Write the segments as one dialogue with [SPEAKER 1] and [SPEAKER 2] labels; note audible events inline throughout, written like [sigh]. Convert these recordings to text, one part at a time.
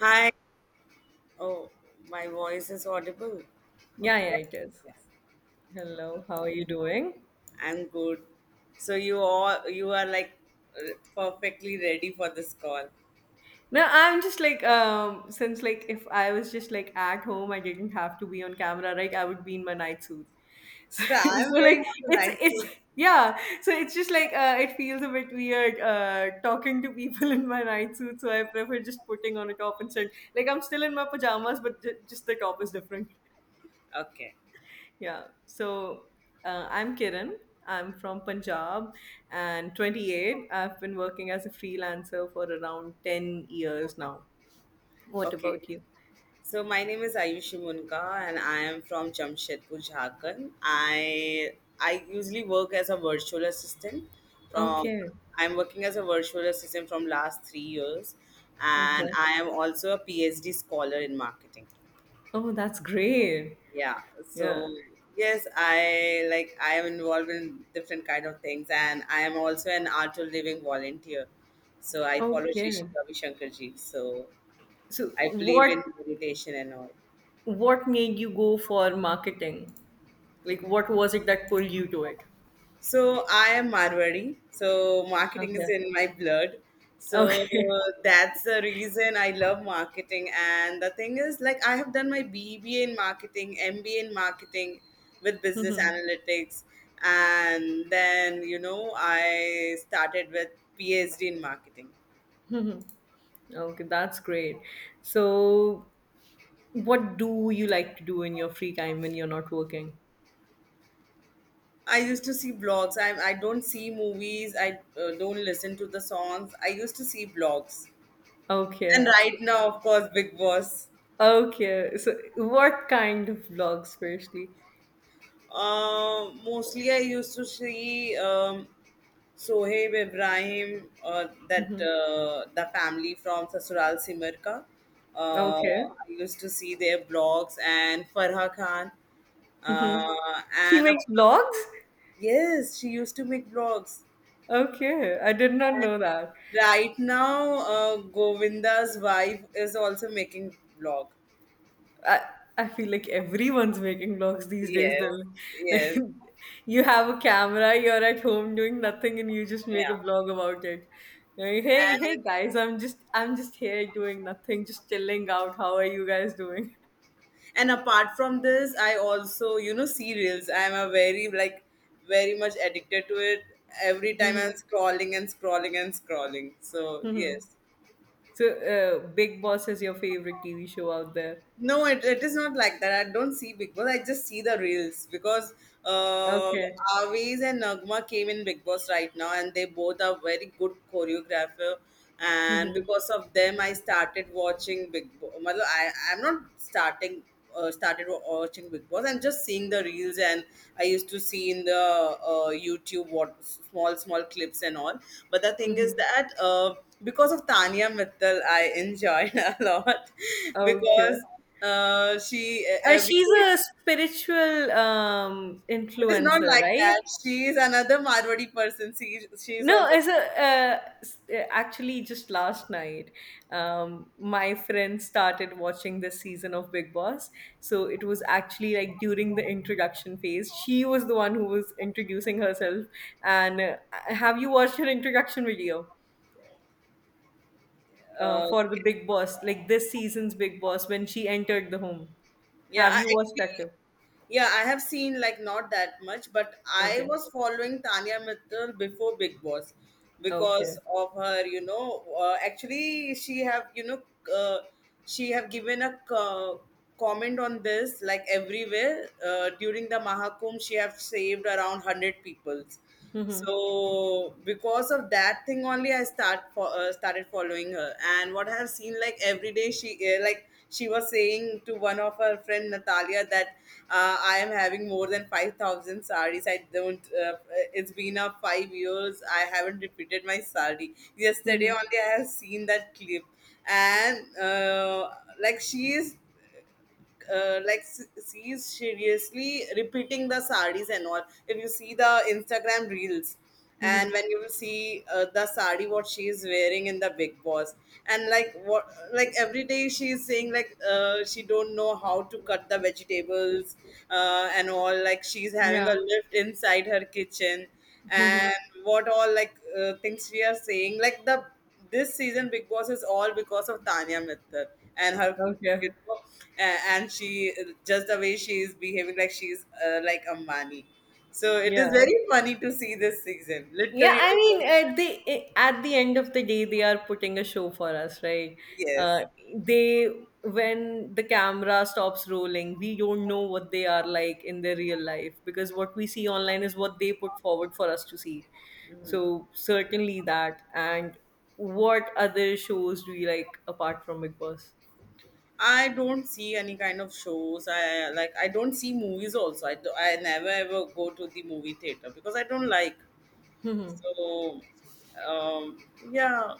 [SPEAKER 1] Hi. Oh, my voice is audible.
[SPEAKER 2] Yeah,
[SPEAKER 1] Okay.
[SPEAKER 2] yeah,
[SPEAKER 1] Yeah.
[SPEAKER 2] it is.
[SPEAKER 1] Yes.
[SPEAKER 2] Hello, how are you doing?
[SPEAKER 1] I'm good. So you are like perfectly ready for this call.
[SPEAKER 2] No, I'm just like since like if I was just like at home, I didn't have to be on camera, right? I would be in my night suit. [laughs] So,
[SPEAKER 1] So I'm
[SPEAKER 2] so like
[SPEAKER 1] wearing a
[SPEAKER 2] it's
[SPEAKER 1] nice suit.
[SPEAKER 2] it's yeah. So it's just like it feels a bit weird talking to people [laughs] in my night suit. So I prefer just putting on a top and saying like I'm still in my pajamas, but just the top is different.
[SPEAKER 1] Okay.
[SPEAKER 2] Yeah. So I'm Kiran. I'm from Punjab and 28. I've been working as a freelancer for around 10 years now. What
[SPEAKER 1] Okay.
[SPEAKER 2] about you?
[SPEAKER 1] So my name is Ayushi Munka and I am from Jamshedpur, Jharkhand. I usually work as a virtual assistant from
[SPEAKER 2] Okay.
[SPEAKER 1] I'm working as a virtual assistant from last 3 years and
[SPEAKER 2] Okay.
[SPEAKER 1] I am also a PhD scholar in marketing.
[SPEAKER 2] Oh, that's great.
[SPEAKER 1] Yeah.
[SPEAKER 2] Yeah.
[SPEAKER 1] So yes, I am involved in different kind of things and I am also an art to living volunteer. So I follow Shri Shri
[SPEAKER 2] Okay.
[SPEAKER 1] Ravi Shankar ji. So
[SPEAKER 2] So
[SPEAKER 1] I believe
[SPEAKER 2] what
[SPEAKER 1] in meditation and all.
[SPEAKER 2] what made you go for marketing? Like what was it that pulled you to it?
[SPEAKER 1] So I am Marwari. So marketing is
[SPEAKER 2] Okay.
[SPEAKER 1] in my blood. So
[SPEAKER 2] Okay. [laughs]
[SPEAKER 1] that's the reason I love marketing. And the thing is, like, I have done my BBA in marketing, MBA in marketing with business analytics. And then, I started with PhD in marketing.
[SPEAKER 2] Okay, that's great. So what do you like to do in your free time when you're not working?
[SPEAKER 1] I used to see blogs. I don't see movies. I don't listen to the songs. I used to see blogs. And
[SPEAKER 2] Okay.
[SPEAKER 1] right now, of course, Big Boss.
[SPEAKER 2] Okay. So what kind of vlogs firstly?
[SPEAKER 1] Mostly I used to see Sohaib Ibrahim, that
[SPEAKER 2] Mhm.
[SPEAKER 1] the family from Sasural Simarka.
[SPEAKER 2] Okay.
[SPEAKER 1] I used to see their blogs and Farha Khan.
[SPEAKER 2] Mhm.
[SPEAKER 1] Uh,
[SPEAKER 2] She
[SPEAKER 1] and a-
[SPEAKER 2] makes vlogs?
[SPEAKER 1] yes, she used to make blogs.
[SPEAKER 2] Okay. I did not know that.
[SPEAKER 1] Right now, Govinda's wife is also making blog.
[SPEAKER 2] I I feel like everyone's making vlogs these days.
[SPEAKER 1] Yes,
[SPEAKER 2] They're like,
[SPEAKER 1] yes,
[SPEAKER 2] [laughs] you have a camera, you're at home doing nothing and you just make a
[SPEAKER 1] yeah.
[SPEAKER 2] vlog about it. Like, hey, hey guys, I'm just here doing nothing, just chilling out. How are you guys doing? [laughs]
[SPEAKER 1] And apart from this, I also, serials. I'm a very like very much addicted to it. Every time I'm scrolling and scrolling and scrolling. So
[SPEAKER 2] Mhm.
[SPEAKER 1] yes.
[SPEAKER 2] So, Big Boss is your favorite TV show out there.
[SPEAKER 1] No, it is not like that. I don't see Big Boss. I just see the reels because uh,
[SPEAKER 2] Okay.
[SPEAKER 1] Aviz and Nagma came in Big Boss right now, and they both are very good choreographer. And
[SPEAKER 2] Mhm.
[SPEAKER 1] because of them, I started watching Big Boss. I I'm not starting started wa- watching Big Boss. I'm just seeing the reels, and I used to see in the YouTube what small small clips and all. But the thing is
[SPEAKER 2] Mhm.
[SPEAKER 1] that because of Tanya Mittal, I enjoyed [laughs] a lot because.
[SPEAKER 2] Okay.
[SPEAKER 1] She every
[SPEAKER 2] She's
[SPEAKER 1] day.
[SPEAKER 2] a spiritual
[SPEAKER 1] It is not
[SPEAKER 2] influencer,
[SPEAKER 1] like
[SPEAKER 2] right?
[SPEAKER 1] that. She is another Marwari person. She is
[SPEAKER 2] No,
[SPEAKER 1] also.
[SPEAKER 2] as a actually just last night, my friend started watching this season of Big Boss. So it was actually like during the introduction phase. She was the one who was introducing herself. And have you watched her introduction video
[SPEAKER 1] Uh,
[SPEAKER 2] for the Big Boss, like this season's Big Boss when she entered the home?
[SPEAKER 1] yeah,
[SPEAKER 2] Have
[SPEAKER 1] I
[SPEAKER 2] you watched that
[SPEAKER 1] actually,
[SPEAKER 2] clip?
[SPEAKER 1] yeah, I have seen like not that much, but I
[SPEAKER 2] Okay.
[SPEAKER 1] was following Tanya Mittal before Big Boss
[SPEAKER 2] Okay.
[SPEAKER 1] because of her. You know, actually, she have you know. Uh, she have given a comment on this like everywhere during the mahakumbh. She have saved around 100 people,
[SPEAKER 2] Mhm.
[SPEAKER 1] so because of that thing only I started following her. And what I have seen, like every day she was saying to one of her friend Natalia that I am having more than 5,000 saris. I don't it's been a 5 years. I haven't repeated my sari. Yesterday
[SPEAKER 2] Mhm.
[SPEAKER 1] only I have seen that clip. And like she's seriously repeating the saris and all. If you see the Instagram reels, and
[SPEAKER 2] Mhm.
[SPEAKER 1] when you will see the sari what she is wearing in the Big Boss, and like what like every day she is saying like she don't know how to cut the vegetables and all. Like she's having a
[SPEAKER 2] Yeah.
[SPEAKER 1] lift inside her kitchen
[SPEAKER 2] Mhm.
[SPEAKER 1] and what all like things we are saying, like the this season Big Boss is all because of Tanya Mittal and her, you
[SPEAKER 2] Okay.
[SPEAKER 1] know, a- and she, just the way she is behaving, like she's like Ambani. So it is
[SPEAKER 2] Yeah.
[SPEAKER 1] very funny to see this season.
[SPEAKER 2] Yeah,
[SPEAKER 1] Literally,
[SPEAKER 2] I mean, at the at the end of the day, they are putting a show for us, right? Uh,
[SPEAKER 1] yes.
[SPEAKER 2] they, when the camera stops rolling, we don't know what they are like in their real life, because what we see online is what they put forward for us to see. So certainly that. And what other shows do you like apart from Big Boss?
[SPEAKER 1] I don't see any kind of shows. I don't see movies also. I never ever go to the movie theater because I don't like.
[SPEAKER 2] Mhm.
[SPEAKER 1] So um, yeah.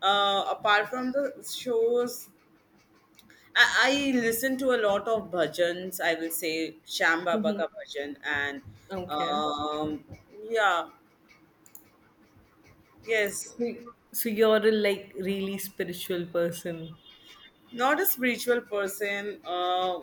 [SPEAKER 1] Apart from the shows, I listen to a lot of bhajans. I will say Sham Baba
[SPEAKER 2] Mhm.
[SPEAKER 1] ka bhajan and
[SPEAKER 2] Okay.
[SPEAKER 1] um, yeah, yes.
[SPEAKER 2] So you're a like really spiritual person.
[SPEAKER 1] Not a spiritual person.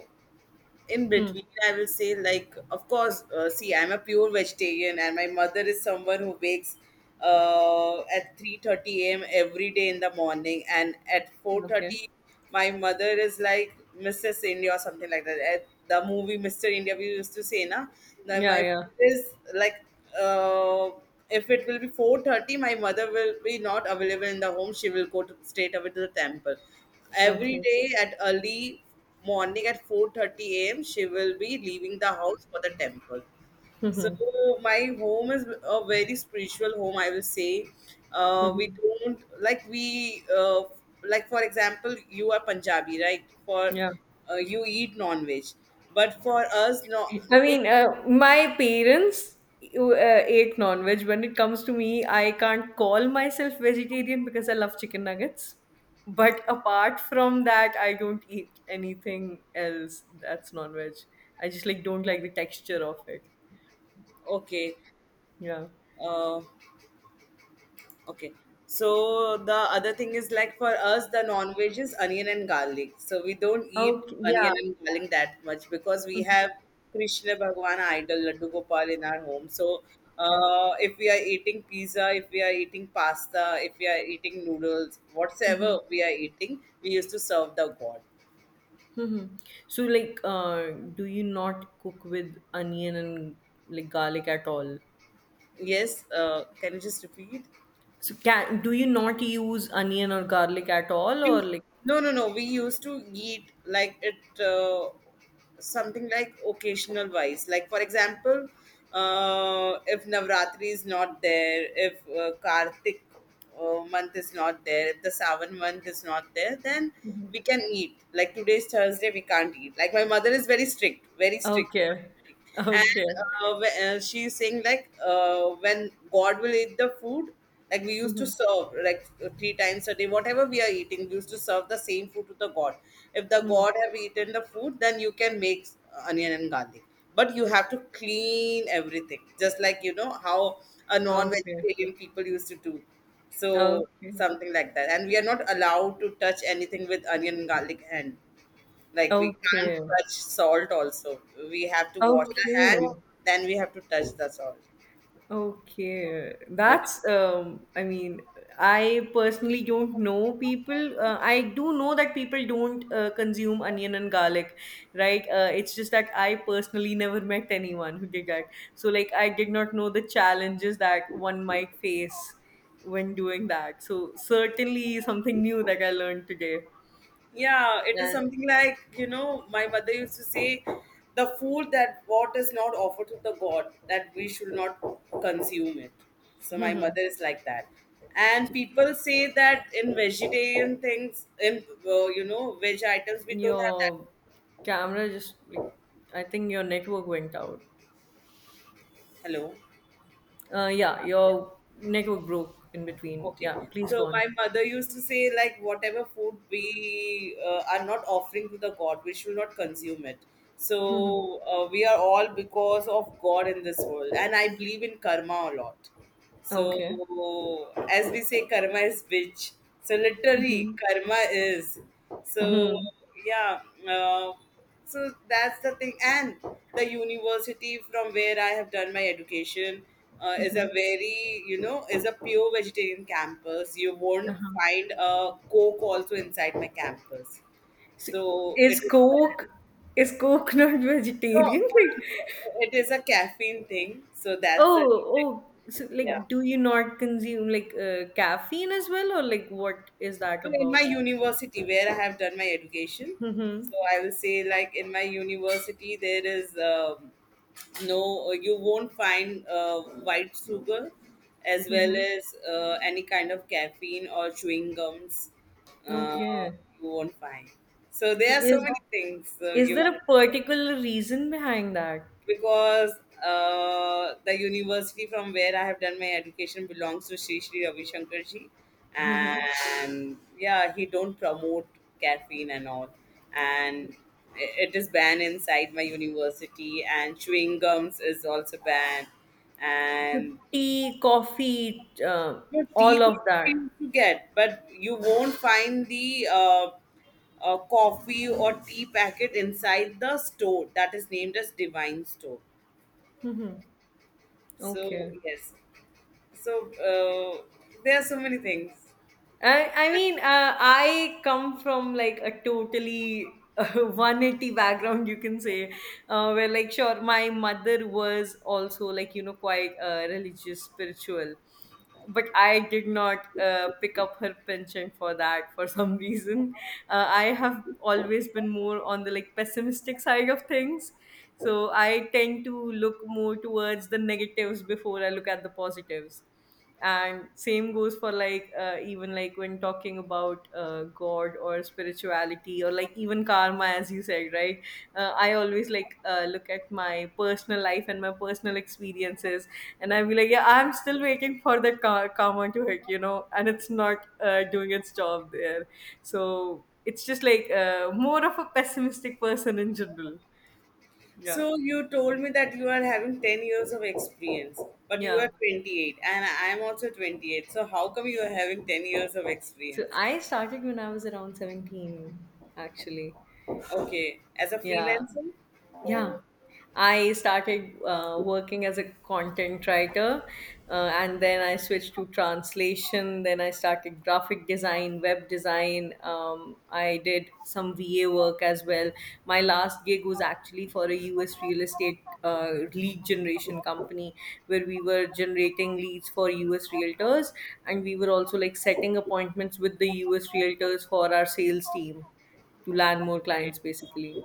[SPEAKER 1] In
[SPEAKER 2] Hmm.
[SPEAKER 1] between I will say, like, of course, see, I'm a pure vegetarian and my mother is someone who wakes at 3:30 a.m. every day in the morning and at
[SPEAKER 2] Okay.
[SPEAKER 1] 4:30. My mother is like Mrs India or something like that. At the movie Mr India, we used to say na. Now
[SPEAKER 2] Yeah,
[SPEAKER 1] my
[SPEAKER 2] yeah.
[SPEAKER 1] mother is like uh, if it will be 4:30, my mother will be not available in the home. She will go straight away to the temple every
[SPEAKER 2] Okay.
[SPEAKER 1] day at early morning at 4:30 a.m. She will be leaving the house for the temple. So my home is a very spiritual home, I will say. We
[SPEAKER 2] Hmm.
[SPEAKER 1] don't like we like, for example, you are Punjabi, right? For
[SPEAKER 2] Yeah.
[SPEAKER 1] you eat non-veg, but for us, no,
[SPEAKER 2] I mean, my parents ate non-veg. When it comes to me, I can't call myself vegetarian because I love chicken nuggets. But apart from that, I don't eat anything else that's non-veg. I just like don't like the texture of it.
[SPEAKER 1] okay.
[SPEAKER 2] Yeah.
[SPEAKER 1] Uh, Okay. So the other thing is like, for us, the non-veg is onion and garlic. So we don't eat
[SPEAKER 2] Okay. Yeah.
[SPEAKER 1] onion and garlic that much because we
[SPEAKER 2] Mhm.
[SPEAKER 1] have Krishna Bhagwan idol Laddu Gopal in our home. So if we are eating pizza, if we are eating pasta, if we are eating noodles,
[SPEAKER 2] Okay.
[SPEAKER 1] whatever we are eating, we used to serve the god.
[SPEAKER 2] Mm-hmm. So, like, do you not cook with onion and like garlic at all?
[SPEAKER 1] Yes. Can you just repeat?
[SPEAKER 2] So, can do you not use onion or garlic at all, or
[SPEAKER 1] We,
[SPEAKER 2] like,
[SPEAKER 1] no, no, no. We used to eat like it, something like occasional wise. Like, for example, if Navratri is not there, if Kartik month is not there, if the Savan month is not there, then we can eat. Like, today's Thursday, we can't eat. Like, my mother is very strict, very strict.
[SPEAKER 2] okay,
[SPEAKER 1] And
[SPEAKER 2] okay,
[SPEAKER 1] she's saying, like, when God will eat the food, like we used to
[SPEAKER 2] mm-hmm.
[SPEAKER 1] serve like three times a day, whatever we are eating, we used to serve the same food to the God. If the
[SPEAKER 2] Mm-hmm.
[SPEAKER 1] God have eaten the food, then you can make onion and garlic, but you have to clean everything, just like you know how a
[SPEAKER 2] Okay,
[SPEAKER 1] non-vegetarian people used to do. So
[SPEAKER 2] okay,
[SPEAKER 1] something like that, and we are not allowed to touch anything with onion and garlic hand. Like we can't
[SPEAKER 2] okay,
[SPEAKER 1] touch salt also. We have to wash the hand,
[SPEAKER 2] okay.
[SPEAKER 1] then we have to touch the salt.
[SPEAKER 2] Okay,
[SPEAKER 1] So it is.
[SPEAKER 2] that's I mean, I personally don't know people. I do know that people don't consume onion and garlic, right? It's just that I personally never met anyone who did that. So like I did not know the challenges that one might face when doing that. So certainly something new that I learned today.
[SPEAKER 1] Yeah, it is
[SPEAKER 2] And
[SPEAKER 1] something like, my mother used to say the food that what is not offered to the God, that we should not consume it. So my mother
[SPEAKER 2] [laughs]
[SPEAKER 1] is like that. And people say that in vegetarian things, in, veg items, we don't have that.
[SPEAKER 2] your camera just like I think your network went out.
[SPEAKER 1] Hello?
[SPEAKER 2] Yeah,
[SPEAKER 1] Yeah.
[SPEAKER 2] your network broke in between.
[SPEAKER 1] Okay.
[SPEAKER 2] Yeah, please go
[SPEAKER 1] So
[SPEAKER 2] on.
[SPEAKER 1] my
[SPEAKER 2] [laughs]
[SPEAKER 1] mother used to say, like, whatever food we are not offering to the God, we should not consume it.
[SPEAKER 2] Mhm.
[SPEAKER 1] So we are all because of God in this world, and I believe in karma a lot.
[SPEAKER 2] Okay.
[SPEAKER 1] So, as we say, karma is bitch. So
[SPEAKER 2] Hmm.
[SPEAKER 1] literally, karma is. So
[SPEAKER 2] Hmm.
[SPEAKER 1] yeah. Uh, so that's the thing. And the university from where I have done my education uh, is
[SPEAKER 2] Hmm.
[SPEAKER 1] a very you know is a pure vegetarian campus. You won't
[SPEAKER 2] Uh-huh.
[SPEAKER 1] find a coke also inside my campus.
[SPEAKER 2] So,
[SPEAKER 1] So
[SPEAKER 2] is
[SPEAKER 1] it is, like,
[SPEAKER 2] Coke is Coke [laughs] not
[SPEAKER 1] no, no,
[SPEAKER 2] vegetarian? Like,
[SPEAKER 1] no, no. It is a caffeine thing. So that's a
[SPEAKER 2] oh, oh. So,
[SPEAKER 1] yeah.
[SPEAKER 2] like, do you not consume like caffeine as well, or like, what is that
[SPEAKER 1] No, in my
[SPEAKER 2] about?
[SPEAKER 1] university where I have done my education,
[SPEAKER 2] Mm-hmm.
[SPEAKER 1] so I will say, like, in my university there is no, you won't find white sugar as well
[SPEAKER 2] Mm-hmm.
[SPEAKER 1] as any kind of caffeine or chewing gums uh,
[SPEAKER 2] Okay.
[SPEAKER 1] you won't find. So
[SPEAKER 2] So,
[SPEAKER 1] there are so many things,
[SPEAKER 2] is
[SPEAKER 1] you
[SPEAKER 2] there a particular reason behind that?
[SPEAKER 1] because the university from where I have done my education belongs to Sri Sri Ravi Shankar ji,
[SPEAKER 2] Mm-hmm.
[SPEAKER 1] and yeah, he don't promote caffeine and all, and it is banned inside my university, and chewing gums is also banned, and
[SPEAKER 2] Tea, coffee,
[SPEAKER 1] no tea
[SPEAKER 2] all
[SPEAKER 1] could
[SPEAKER 2] of
[SPEAKER 1] be
[SPEAKER 2] that.
[SPEAKER 1] used to get, but you won't find the coffee or tea packet inside the store that is named as Divine Store.
[SPEAKER 2] Mhm.
[SPEAKER 1] So
[SPEAKER 2] Okay.
[SPEAKER 1] yes. So there are so many things.
[SPEAKER 2] I mean, I come from like a totally [laughs] 180 background, you can say, where like, sure, my mother was also like, quite religious, spiritual. But I did not pick up her penchant for that for [laughs] some reason. I have always been more on the like pessimistic side of things. So I tend to look more towards the negatives before I look at the positives, and same goes for like even like when talking about god or spirituality or like even karma, as you said, right? I always like look at my personal life and my personal experiences, and I'll be like, yeah, I'm still waiting for the karma to hit, and it's not doing its job there. So it's just like more of a pessimistic person in general. Yeah.
[SPEAKER 1] So you told me that you are having 10 years of experience, but you
[SPEAKER 2] Yeah,
[SPEAKER 1] are 28 and I am also 28. So how come you are having 10 years of
[SPEAKER 2] so
[SPEAKER 1] experience?
[SPEAKER 2] I started when I was around 17 actually.
[SPEAKER 1] Okay, as a
[SPEAKER 2] Yeah.
[SPEAKER 1] freelancer?
[SPEAKER 2] Yeah, I started working as a content writer, and then I switched to translation. Then I started graphic design, web design. I did some VA work as well. My last gig was actually for a US real estate lead generation company where we were generating leads for US realtors, and we were also like setting appointments with the US realtors for our sales team to land more
[SPEAKER 1] Okay.
[SPEAKER 2] clients basically.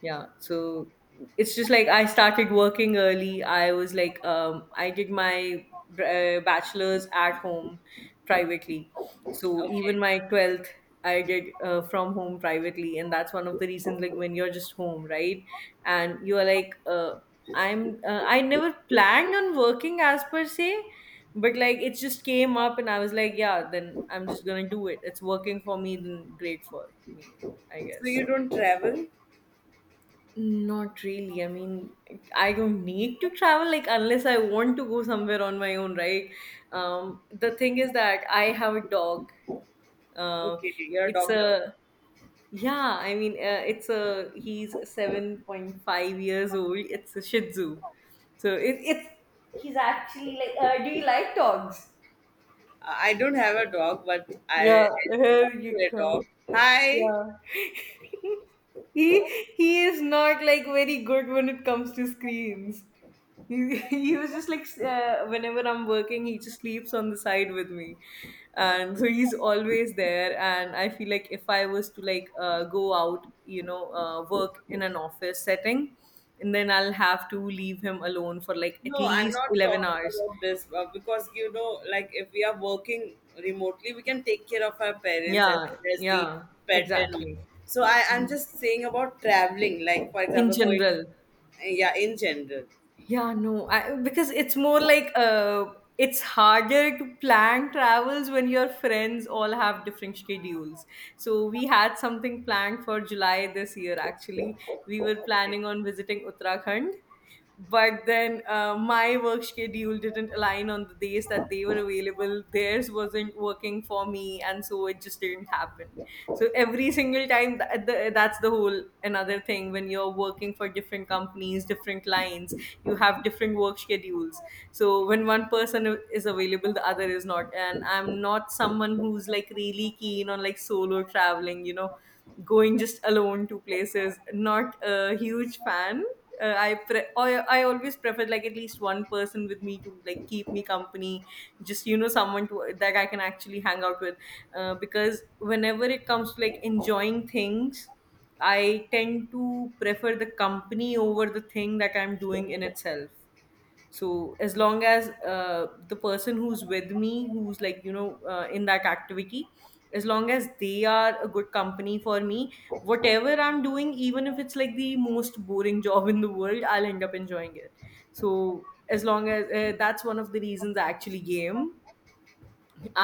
[SPEAKER 2] Yeah, so it's just like I started working early. I was like, I did my bachelor's at home privately, so
[SPEAKER 1] Okay.
[SPEAKER 2] even my 12th I did from home privately, and that's one of the reasons. Like, when you're just home, right? And you are like, I never planned on working as per se, but like it just came up and I was like, yeah, then I'm just gonna do it. It's working for me, then great for me, I
[SPEAKER 1] So
[SPEAKER 2] guess.
[SPEAKER 1] you don't travel?
[SPEAKER 2] Not really. I mean, I don't need to travel like unless I want to go somewhere on my own, right? The thing is that I have a dog. Uh,
[SPEAKER 1] Okay, you're a
[SPEAKER 2] it's
[SPEAKER 1] dog lover.
[SPEAKER 2] a yeah. I mean, it's a He's 7.5 years old. It's a Shih Tzu, so it, it's he's actually like. Do you like dogs?
[SPEAKER 1] I don't have a dog, but
[SPEAKER 2] Yeah,
[SPEAKER 1] I
[SPEAKER 2] here
[SPEAKER 1] want to
[SPEAKER 2] you
[SPEAKER 1] a
[SPEAKER 2] go.
[SPEAKER 1] dog. Hi.
[SPEAKER 2] Yeah. [laughs] He he is not like very good when it comes to screens. He, [laughs] he was just like whenever I'm working, he just sleeps on the side with me, and so he's always there. And I feel like if I was to like go out, work in an office setting, and then I'll have to leave him alone for like at
[SPEAKER 1] No, I'm
[SPEAKER 2] least
[SPEAKER 1] not
[SPEAKER 2] eleven
[SPEAKER 1] talking
[SPEAKER 2] hours.
[SPEAKER 1] about this because like, if we are working remotely, we can take care of our parents as
[SPEAKER 2] Yeah,
[SPEAKER 1] well as the
[SPEAKER 2] yeah,
[SPEAKER 1] pet and all.
[SPEAKER 2] exactly.
[SPEAKER 1] So I'm just saying about traveling, like, for
[SPEAKER 2] In
[SPEAKER 1] example, going,
[SPEAKER 2] general.
[SPEAKER 1] yeah, in general.
[SPEAKER 2] Yeah, no, I, because it's more like it's harder to plan travels when your friends all have different schedules. So we had something planned for July this year, actually. We were planning on visiting Uttarakhand, but then my work schedule didn't align on the days that they were available. Theirs was Wasn't working for me, and so it just didn't happen. So every single time that's the whole another thing. When you're working for different companies, different clients, you have different work schedules, so when one person is available, the other is not. And I'm not someone who's like really keen on like solo traveling, you know, going just alone to places. Not a huge fan. uh, I pre- I I always prefer like at least one person with me to like keep me company, just, you know, someone to that I can actually hang out with, because whenever it comes to like enjoying things, I tend to prefer the company over the thing that I'm doing in itself. So as long as the person who's with me, who's like, you know, in that activity, as long as they are a good company for me, whatever I'm doing, even if it's like the most boring [laughs] job in the world, I'll end up enjoying it. So as long as that's one of the reasons I actually game.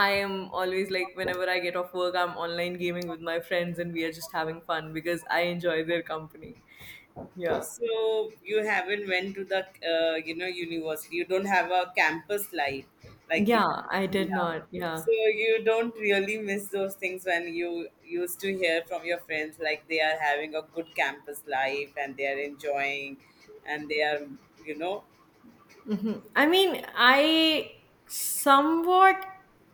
[SPEAKER 2] I am always like, whenever I get off work, I'm online gaming with my friends and we are just having fun because I enjoy their company. Yeah.
[SPEAKER 1] So you haven't went to the university. You don't have a campus life, like
[SPEAKER 2] Yeah, I did
[SPEAKER 1] yeah.
[SPEAKER 2] not, yeah.
[SPEAKER 1] So you don't really miss those things when you used to hear from your friends, like they are having a good campus life and they are enjoying, and they are you know
[SPEAKER 2] Hmm. I mean, I somewhat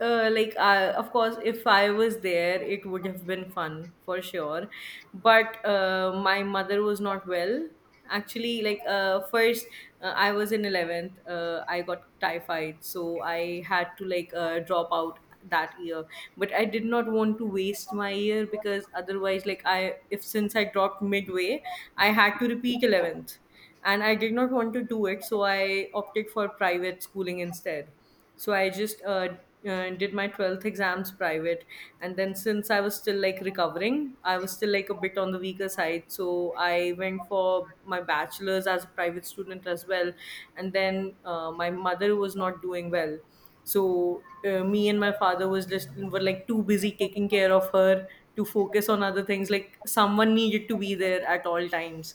[SPEAKER 2] like, of course, if I was there, it would have been fun for sure. But my mother was not well. Actually, first, I was in 11th, I got typhoid, so I had to drop out that year, but I did not want to waste my year. Because otherwise, like I if since I dropped midway, I had to repeat 11th, and I did not want to do it, so I opted for private schooling instead. So I just did my 12th exams private, and then since I was still like recovering, I was still like a bit on the weaker side, so I went for my bachelor's as a private student as well. And then my mother was not doing well, so me and my father was just were like too busy taking care of her to focus on other things. Like, someone needed to be there at all times.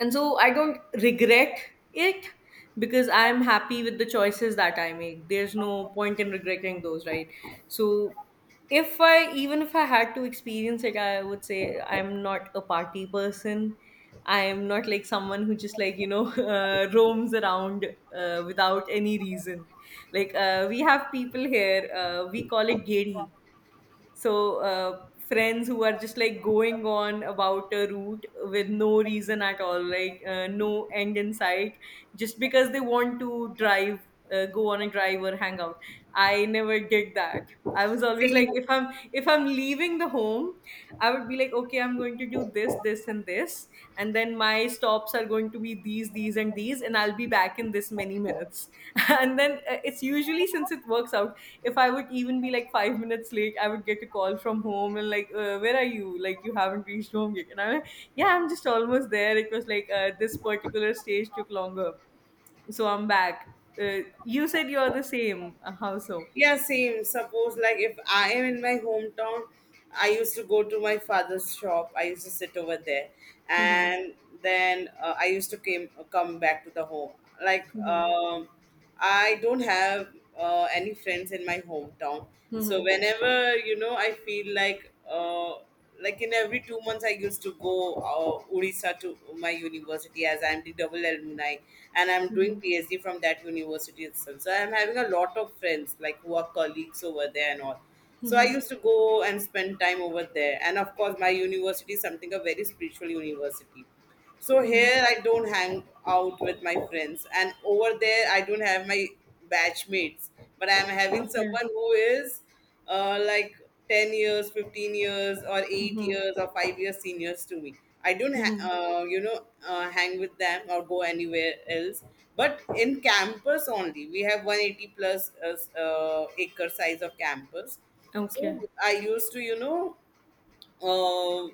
[SPEAKER 2] And so I don't regret it, because I'm happy with the choices that I make. There's no point in regretting those, right? So if I even if I had to experience it, I would say I'm not a party person. I am not like someone who just like you know [laughs] roams around without any reason. Like, we have people here, we call it gedi. So friends who are just like going on about a route with no reason at all, like, no end in sight, just because they want to drive, go on a drive or hang out. I never did that. I was always
[SPEAKER 1] seeing.
[SPEAKER 2] like, if I'm leaving the home, I would be like, okay, I'm going to do this, this, and this, and then my stops are going to be these, and these, and I'll be back in this many minutes. [laughs] And then it's usually, since it works out, if I would even be like 5 minutes late, I would get a call from home and like, where are you? Like, you haven't reached home yet. And I'm like, yeah, I'm just almost there. It was like this particular stage took longer, so I'm back. You said you're the same. How so?
[SPEAKER 1] Yeah, same. Suppose like if I am in my hometown, I used to go to my father's shop. I used to sit over there,
[SPEAKER 2] Hmm.
[SPEAKER 1] and then I used to came come back to the home. Like
[SPEAKER 2] Hmm.
[SPEAKER 1] um, I don't have any friends in my hometown,
[SPEAKER 2] Hmm.
[SPEAKER 1] so whenever you know I feel like in every 2 months I used to go Odisha to my university, as I'm the double alumni and I'm doing
[SPEAKER 2] Hmm.
[SPEAKER 1] PhD from that university itself, so I'm having a lot of friends like who are colleagues over there and all. So I
[SPEAKER 2] Hmm.
[SPEAKER 1] used to go and spend time over there, and of course my university is something a very spiritual university. So
[SPEAKER 2] Hmm.
[SPEAKER 1] here I don't hang out with my friends, and over there I don't have my batchmates, but I'm having
[SPEAKER 2] Okay.
[SPEAKER 1] someone who is like 10 years, 15 years, or 8
[SPEAKER 2] Hmm.
[SPEAKER 1] years, or 5 years seniors to me. I don't
[SPEAKER 2] Hmm.
[SPEAKER 1] you know hang with them or go anywhere else, but in campus only we have 180 plus acre size of campus. So
[SPEAKER 2] Okay.
[SPEAKER 1] I used to you know uh,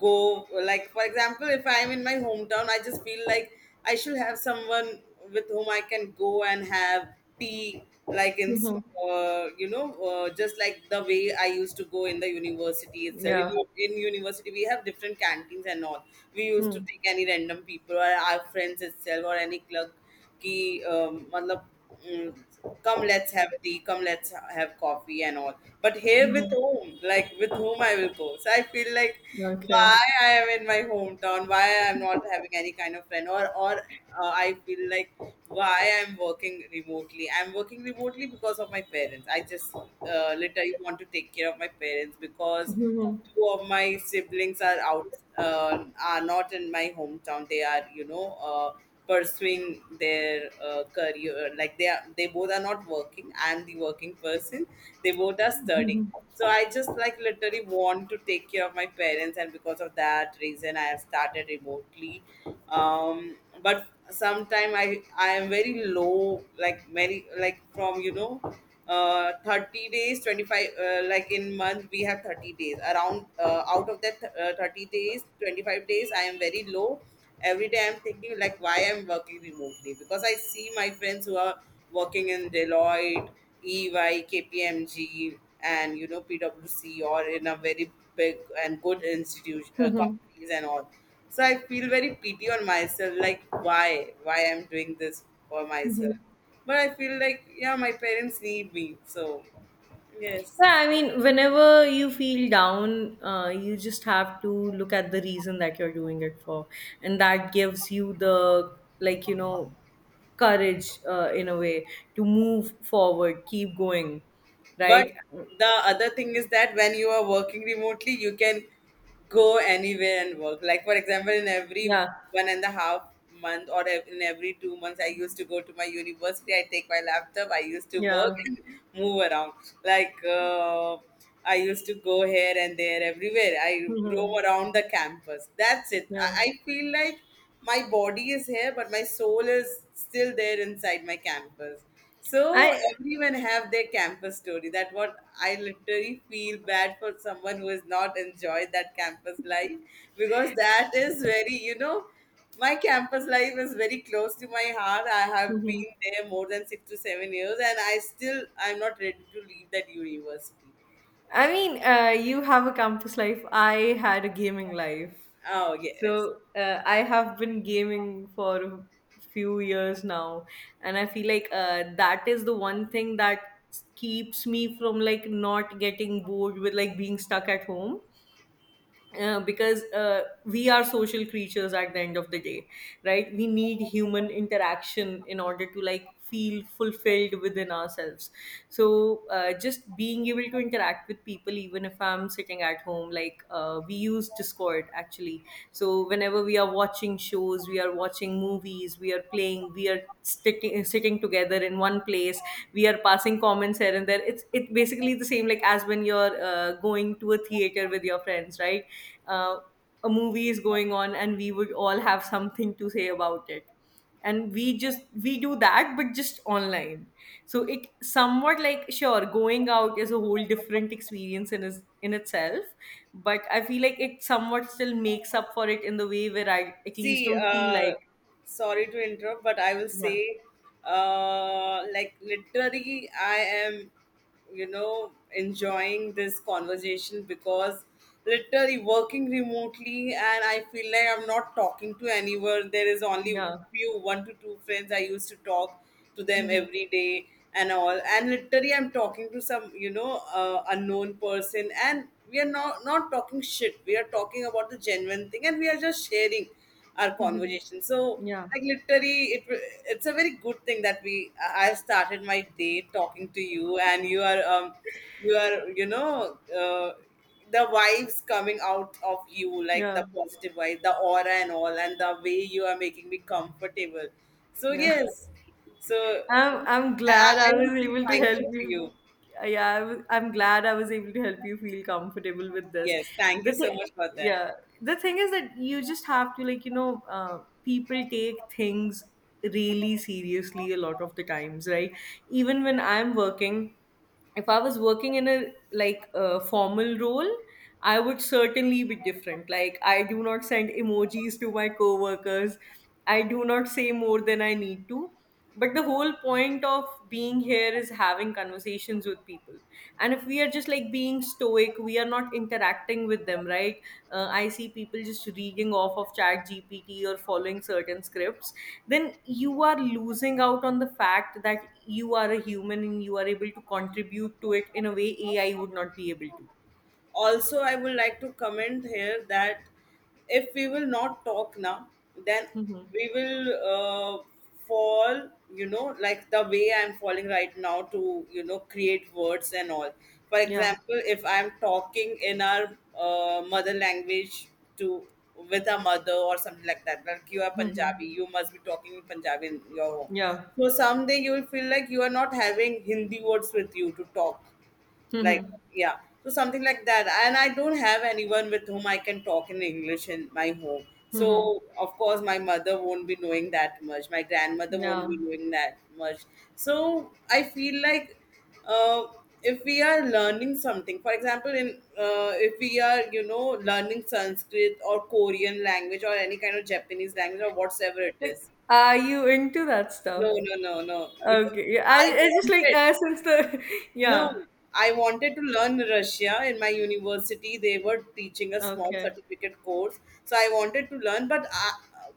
[SPEAKER 1] go, like for example if I'm in my hometown I just feel like I should have someone with whom I can go and have tea, like in
[SPEAKER 2] Hmm.
[SPEAKER 1] just like the way I used to go in the university itself.
[SPEAKER 2] Yeah.
[SPEAKER 1] In university we have different canteens and all, we used to
[SPEAKER 2] Hmm.
[SPEAKER 1] take any random people or our friends itself or any clerk कि अ, मतलब mm, come let's have tea, come let's have coffee and all. But here,
[SPEAKER 2] Hmm.
[SPEAKER 1] with whom, like with whom I will go? So I feel like, why
[SPEAKER 2] Okay.
[SPEAKER 1] I am in my hometown, why I am not having any kind of friend or, I feel like why I'm working remotely. I'm working remotely because of my parents. I just literally want to take care of my parents, because two of my siblings are out, uh, are not in my hometown. They are you know pursuing their career, like they both are not working, I'm the working person, they both are studying. So I just like literally want to take care of my parents, and because of that reason I have started remotely. um, but sometime I am very low, like many like from you know 30 days, 25 like in month we have 30 days around, out of that 30 days, 25 days I am very low. Every day I'm thinking like why I'm working remotely, because I see my friends who are working in Deloitte, EY, KPMG, and you know PwC, or in a very big and good institution,
[SPEAKER 2] Hmm.
[SPEAKER 1] companies and all. So I feel very pity on myself, like why I'm doing this for myself, but I feel like yeah, my parents need me, so yes.
[SPEAKER 2] Yeah, I mean, whenever you feel down, you just have to look at the reason that you're doing it for, and that gives you the like you know courage in a way to move forward, keep going,
[SPEAKER 1] But
[SPEAKER 2] right?
[SPEAKER 1] the other thing is that when you are working remotely, you can go anywhere and work. Like for example, in every
[SPEAKER 2] Yeah,
[SPEAKER 1] 1.5 month, in every 2 months, I used to go to my university. I take my laptop, I used to work
[SPEAKER 2] yeah,
[SPEAKER 1] and move around. Like I used to go here and there, everywhere. I
[SPEAKER 2] hmm,
[SPEAKER 1] roam around the campus. That's it. I,
[SPEAKER 2] yeah.
[SPEAKER 1] I feel like my body is here, but my soul is still there inside my campus. So
[SPEAKER 2] I.
[SPEAKER 1] everyone have their campus story. That what I literally feel bad for someone who has not enjoyed that campus life, because that is very you know, my campus life is very close to my heart. I have
[SPEAKER 2] Mhm.
[SPEAKER 1] been there more than 6 to 7 years, and I still I'm not ready to leave that university.
[SPEAKER 2] I mean, you have a campus life. I had a gaming life.
[SPEAKER 1] Oh yes.
[SPEAKER 2] So I have been gaming for a few years now, and I feel like that is the one thing that keeps me from like not getting bored with like being stuck at home, because we are social creatures at the end of the day, right? We need human interaction in order to like feel fulfilled within ourselves. So just being able to interact with people, even if I'm sitting at home, like, we use Discord actually. So whenever we are watching shows, we are watching movies, we are playing, we are sticking sitting together in one place, we are passing comments here and there. It's, it basically the same like as when you're going to a theater with your friends, right? uh, a movie is going on and we would all have something to say about it, and we do that, but just online. So it somewhat like, sure, going out is a whole different experience in is in itself, but I feel like it somewhat still makes up for it in the way where I at least
[SPEAKER 1] See,
[SPEAKER 2] don't feel like.
[SPEAKER 1] sorry to interrupt, but I will
[SPEAKER 2] Yeah,
[SPEAKER 1] say, like literally, I am, you know, enjoying this conversation, because literally working remotely, and I feel like I'm not talking to anyone. There is only
[SPEAKER 2] yeah.
[SPEAKER 1] few one to two friends I used to talk to
[SPEAKER 2] [laughs]
[SPEAKER 1] them
[SPEAKER 2] Mhm.
[SPEAKER 1] every day and all, and literally I'm talking to some, you know, unknown person, and we are not talking shit. We are talking about the genuine thing, and we are just sharing our
[SPEAKER 2] Mhm.
[SPEAKER 1] conversation. So,
[SPEAKER 2] Yeah,
[SPEAKER 1] like literally, it's a very good thing that we I have started my day talking to you, and you are you know the vibes coming out of you, like
[SPEAKER 2] yeah,
[SPEAKER 1] the positive vibe, the aura and all, and the way you are making me comfortable. So
[SPEAKER 2] yeah.
[SPEAKER 1] yes, so
[SPEAKER 2] I'm
[SPEAKER 1] I, I
[SPEAKER 2] glad I
[SPEAKER 1] I
[SPEAKER 2] was
[SPEAKER 1] will say
[SPEAKER 2] able to
[SPEAKER 1] thank
[SPEAKER 2] help
[SPEAKER 1] you to
[SPEAKER 2] you.
[SPEAKER 1] you.
[SPEAKER 2] Yeah, I was, I'm glad I was able to help you feel comfortable with this.
[SPEAKER 1] Yes, thank
[SPEAKER 2] The
[SPEAKER 1] you so
[SPEAKER 2] th-
[SPEAKER 1] much for that.
[SPEAKER 2] yeah, the thing is that you just have to like you know, people take things really seriously a lot of the times, right? Even when I'm working, if I was working in a, like a formal role, I would certainly be different. Like, I do not send emojis to my coworkers. I do not say more than I need to. But the whole point of being here is having conversations with people, and if we are just like being stoic, we are not interacting with them, right? I see people just reading off of chat gpt or following certain scripts, then you are losing out on the fact that you are a human, and you are able to contribute to it in a way AI would not be able to.
[SPEAKER 1] Also I would like to comment here that if we will not talk now, then
[SPEAKER 2] Hmm,
[SPEAKER 1] we will fall, you know, like the way I'm falling right now to you know create words and all. For
[SPEAKER 2] yeah.
[SPEAKER 1] example, if I'm talking in our mother language to with a mother or something like that, like you are
[SPEAKER 2] Hmm,
[SPEAKER 1] Punjabi, you must be talking in Punjabi in your home,
[SPEAKER 2] yeah.
[SPEAKER 1] so someday you will feel like you are not having Hindi words with you to talk, like
[SPEAKER 2] Hmm.
[SPEAKER 1] yeah, so something like that. And I don't have anyone with whom I can talk in English in my home,
[SPEAKER 2] Hmm.
[SPEAKER 1] so of course my mother won't be knowing that much, my grandmother
[SPEAKER 2] Yeah.
[SPEAKER 1] won't be knowing that much. So I feel like uh, if we are learning something, for example, in if we are you know learning Sanskrit or Korean language or any kind of Japanese language or whatever it
[SPEAKER 2] Wait,
[SPEAKER 1] is.
[SPEAKER 2] are you into that
[SPEAKER 1] No,
[SPEAKER 2] stuff?
[SPEAKER 1] no, no, no, because
[SPEAKER 2] Okay, yeah,
[SPEAKER 1] I
[SPEAKER 2] I just
[SPEAKER 1] want
[SPEAKER 2] like
[SPEAKER 1] it.
[SPEAKER 2] since the [laughs]
[SPEAKER 1] No,
[SPEAKER 2] yeah.
[SPEAKER 1] I wanted to learn Russia in my university. They were teaching a small
[SPEAKER 2] Okay.
[SPEAKER 1] certificate course, so I wanted to learn.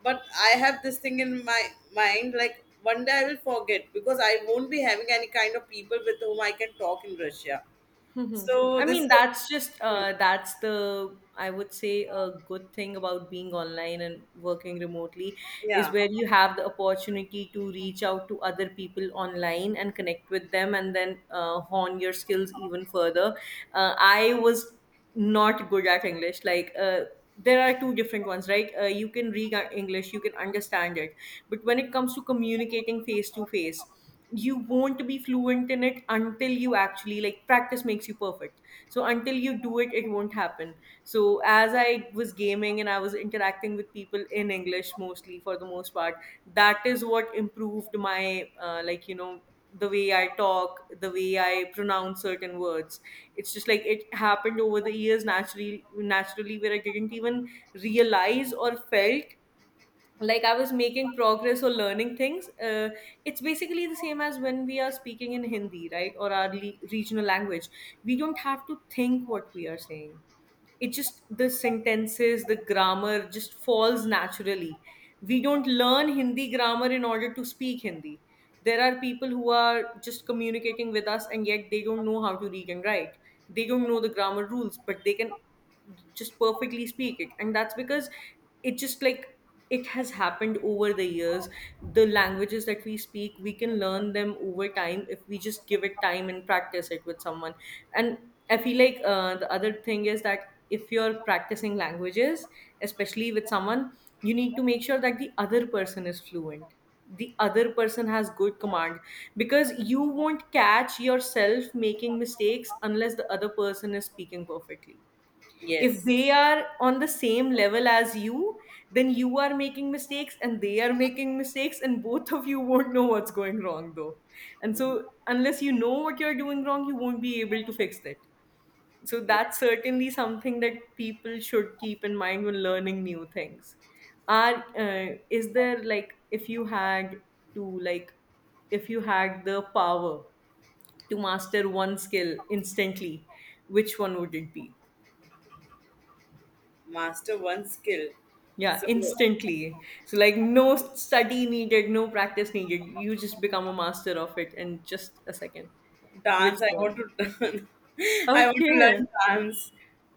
[SPEAKER 1] But I have this thing in my mind, like one day I will forget because I won't be having any kind of people with whom I can talk in Russia.
[SPEAKER 2] [laughs] Mhm.
[SPEAKER 1] So
[SPEAKER 2] I
[SPEAKER 1] this.
[SPEAKER 2] mean, that's just
[SPEAKER 1] Hmm.
[SPEAKER 2] that's the, I would say, a good thing about being online and working remotely, is
[SPEAKER 1] Yeah.
[SPEAKER 2] where you have the opportunity to reach out to other people online and connect with them and then hone your skills even further. I was not good at English. Like, there are two different ones, right? You can read English, you can understand it, but when it comes to communicating face to face, you won't be fluent in it until you actually, like, practice makes you perfect. So until you do it, it won't happen. So as I was gaming and I was interacting with people in English mostly for the most part, that is what improved my like you know, the way I talk, the way I pronounce certain words. It's just like, it happened over the years naturally, naturally, where I didn't even realize or felt like I was making progress or learning things. It's basically the same as when we are speaking in Hindi, right, or our regional language. We don't have to think what we are saying, it just, the sentences, the grammar just falls naturally. We don't learn Hindi grammar in order to speak Hindi. There are people who are just communicating with us, and yet they don't know how to read and write. They don't know the grammar rules, but they can just perfectly speak it. And that's because it just like, it has happened over the years. The languages that we speak, we can learn them over time if we just give it time and practice it with someone. And I feel like the other thing is that if you're practicing languages, especially with someone, you need to make sure that the other person is fluent, the other person has good command, because you won't catch yourself making mistakes unless the other person is speaking perfectly. If
[SPEAKER 1] Yes.
[SPEAKER 2] they are on the same level as you, then you are making mistakes and they are making mistakes, and both of you won't know what's going wrong though. And
[SPEAKER 1] Mhm.
[SPEAKER 2] so, unless you know what you're doing wrong, you won't be able to fix it. So,
[SPEAKER 1] Yes.
[SPEAKER 2] that's certainly something that people should keep in mind when learning new things. Are is there like, if you had to like, if you had the power to master one skill instantly, which one would it be?
[SPEAKER 1] Master one skill.
[SPEAKER 2] Yeah,
[SPEAKER 1] So
[SPEAKER 2] instantly. So like, no study needed, no practice needed. You just become a master of it in just a second. Which
[SPEAKER 1] dance, I want
[SPEAKER 2] one?
[SPEAKER 1] to [laughs] I want to
[SPEAKER 2] Okay.
[SPEAKER 1] learn dance.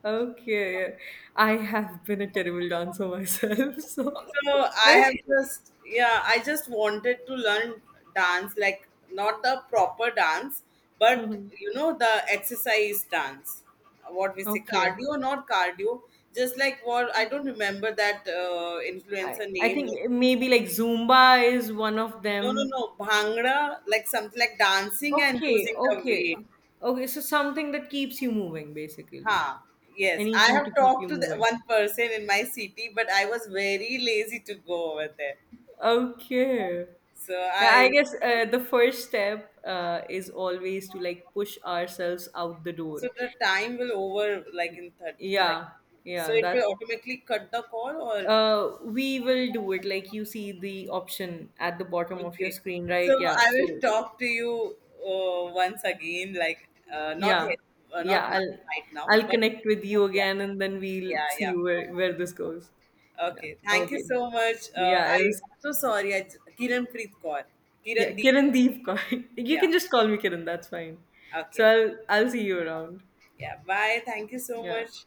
[SPEAKER 2] Okay. I have been a terrible dancer myself, [laughs] so.
[SPEAKER 1] So I have just, yeah, I just wanted to learn dance, like not the proper dance, but
[SPEAKER 2] Mhm.
[SPEAKER 1] you know, the exercise dance. What we say,
[SPEAKER 2] Okay.
[SPEAKER 1] cardio, not cardio. Just like, what, I don't remember that
[SPEAKER 2] I,
[SPEAKER 1] influencer
[SPEAKER 2] I
[SPEAKER 1] name.
[SPEAKER 2] think
[SPEAKER 1] Like
[SPEAKER 2] maybe like Zumba is one of
[SPEAKER 1] no, no, no,
[SPEAKER 2] them.
[SPEAKER 1] bhangra, like something like dancing and
[SPEAKER 2] Okay,
[SPEAKER 1] losing the weight.
[SPEAKER 2] okay. Okay, so something that keeps you moving basically.
[SPEAKER 1] Ha. Yes, I
[SPEAKER 2] Anything to
[SPEAKER 1] have
[SPEAKER 2] keep
[SPEAKER 1] talked
[SPEAKER 2] you
[SPEAKER 1] to the
[SPEAKER 2] moving.
[SPEAKER 1] one person in my city, but I was very lazy to go over there.
[SPEAKER 2] Okay.
[SPEAKER 1] So
[SPEAKER 2] Yeah, I
[SPEAKER 1] I
[SPEAKER 2] guess the first step is always to like push ourselves out the door.
[SPEAKER 1] So the time will over, like in third, like
[SPEAKER 2] Yeah,
[SPEAKER 1] so
[SPEAKER 2] yeah,
[SPEAKER 1] it
[SPEAKER 2] that
[SPEAKER 1] will automatically cut the call or
[SPEAKER 2] we will do it. Like you see the option at the bottom of your
[SPEAKER 1] okay.
[SPEAKER 2] screen,
[SPEAKER 1] So
[SPEAKER 2] right? Yeah.
[SPEAKER 1] I will
[SPEAKER 2] So
[SPEAKER 1] talk to you once again, like
[SPEAKER 2] yeah, yeah,
[SPEAKER 1] not right now,
[SPEAKER 2] I'll
[SPEAKER 1] but
[SPEAKER 2] connect with you
[SPEAKER 1] yeah
[SPEAKER 2] again, and then we'll
[SPEAKER 1] yeah
[SPEAKER 2] see
[SPEAKER 1] yeah,
[SPEAKER 2] where this goes.
[SPEAKER 1] okay, thank you
[SPEAKER 2] Okay.
[SPEAKER 1] so much,
[SPEAKER 2] Yeah, I
[SPEAKER 1] I
[SPEAKER 2] was,
[SPEAKER 1] am so sorry,
[SPEAKER 2] yeah,
[SPEAKER 1] Kiran Deep
[SPEAKER 2] Kiran
[SPEAKER 1] Kaur.
[SPEAKER 2] Deep. [laughs] You
[SPEAKER 1] Yeah,
[SPEAKER 2] can just call me Kiran. That's fine. So
[SPEAKER 1] okay,
[SPEAKER 2] I'll see you around.
[SPEAKER 1] yeah, bye, thank you so
[SPEAKER 2] Yeah.
[SPEAKER 1] much.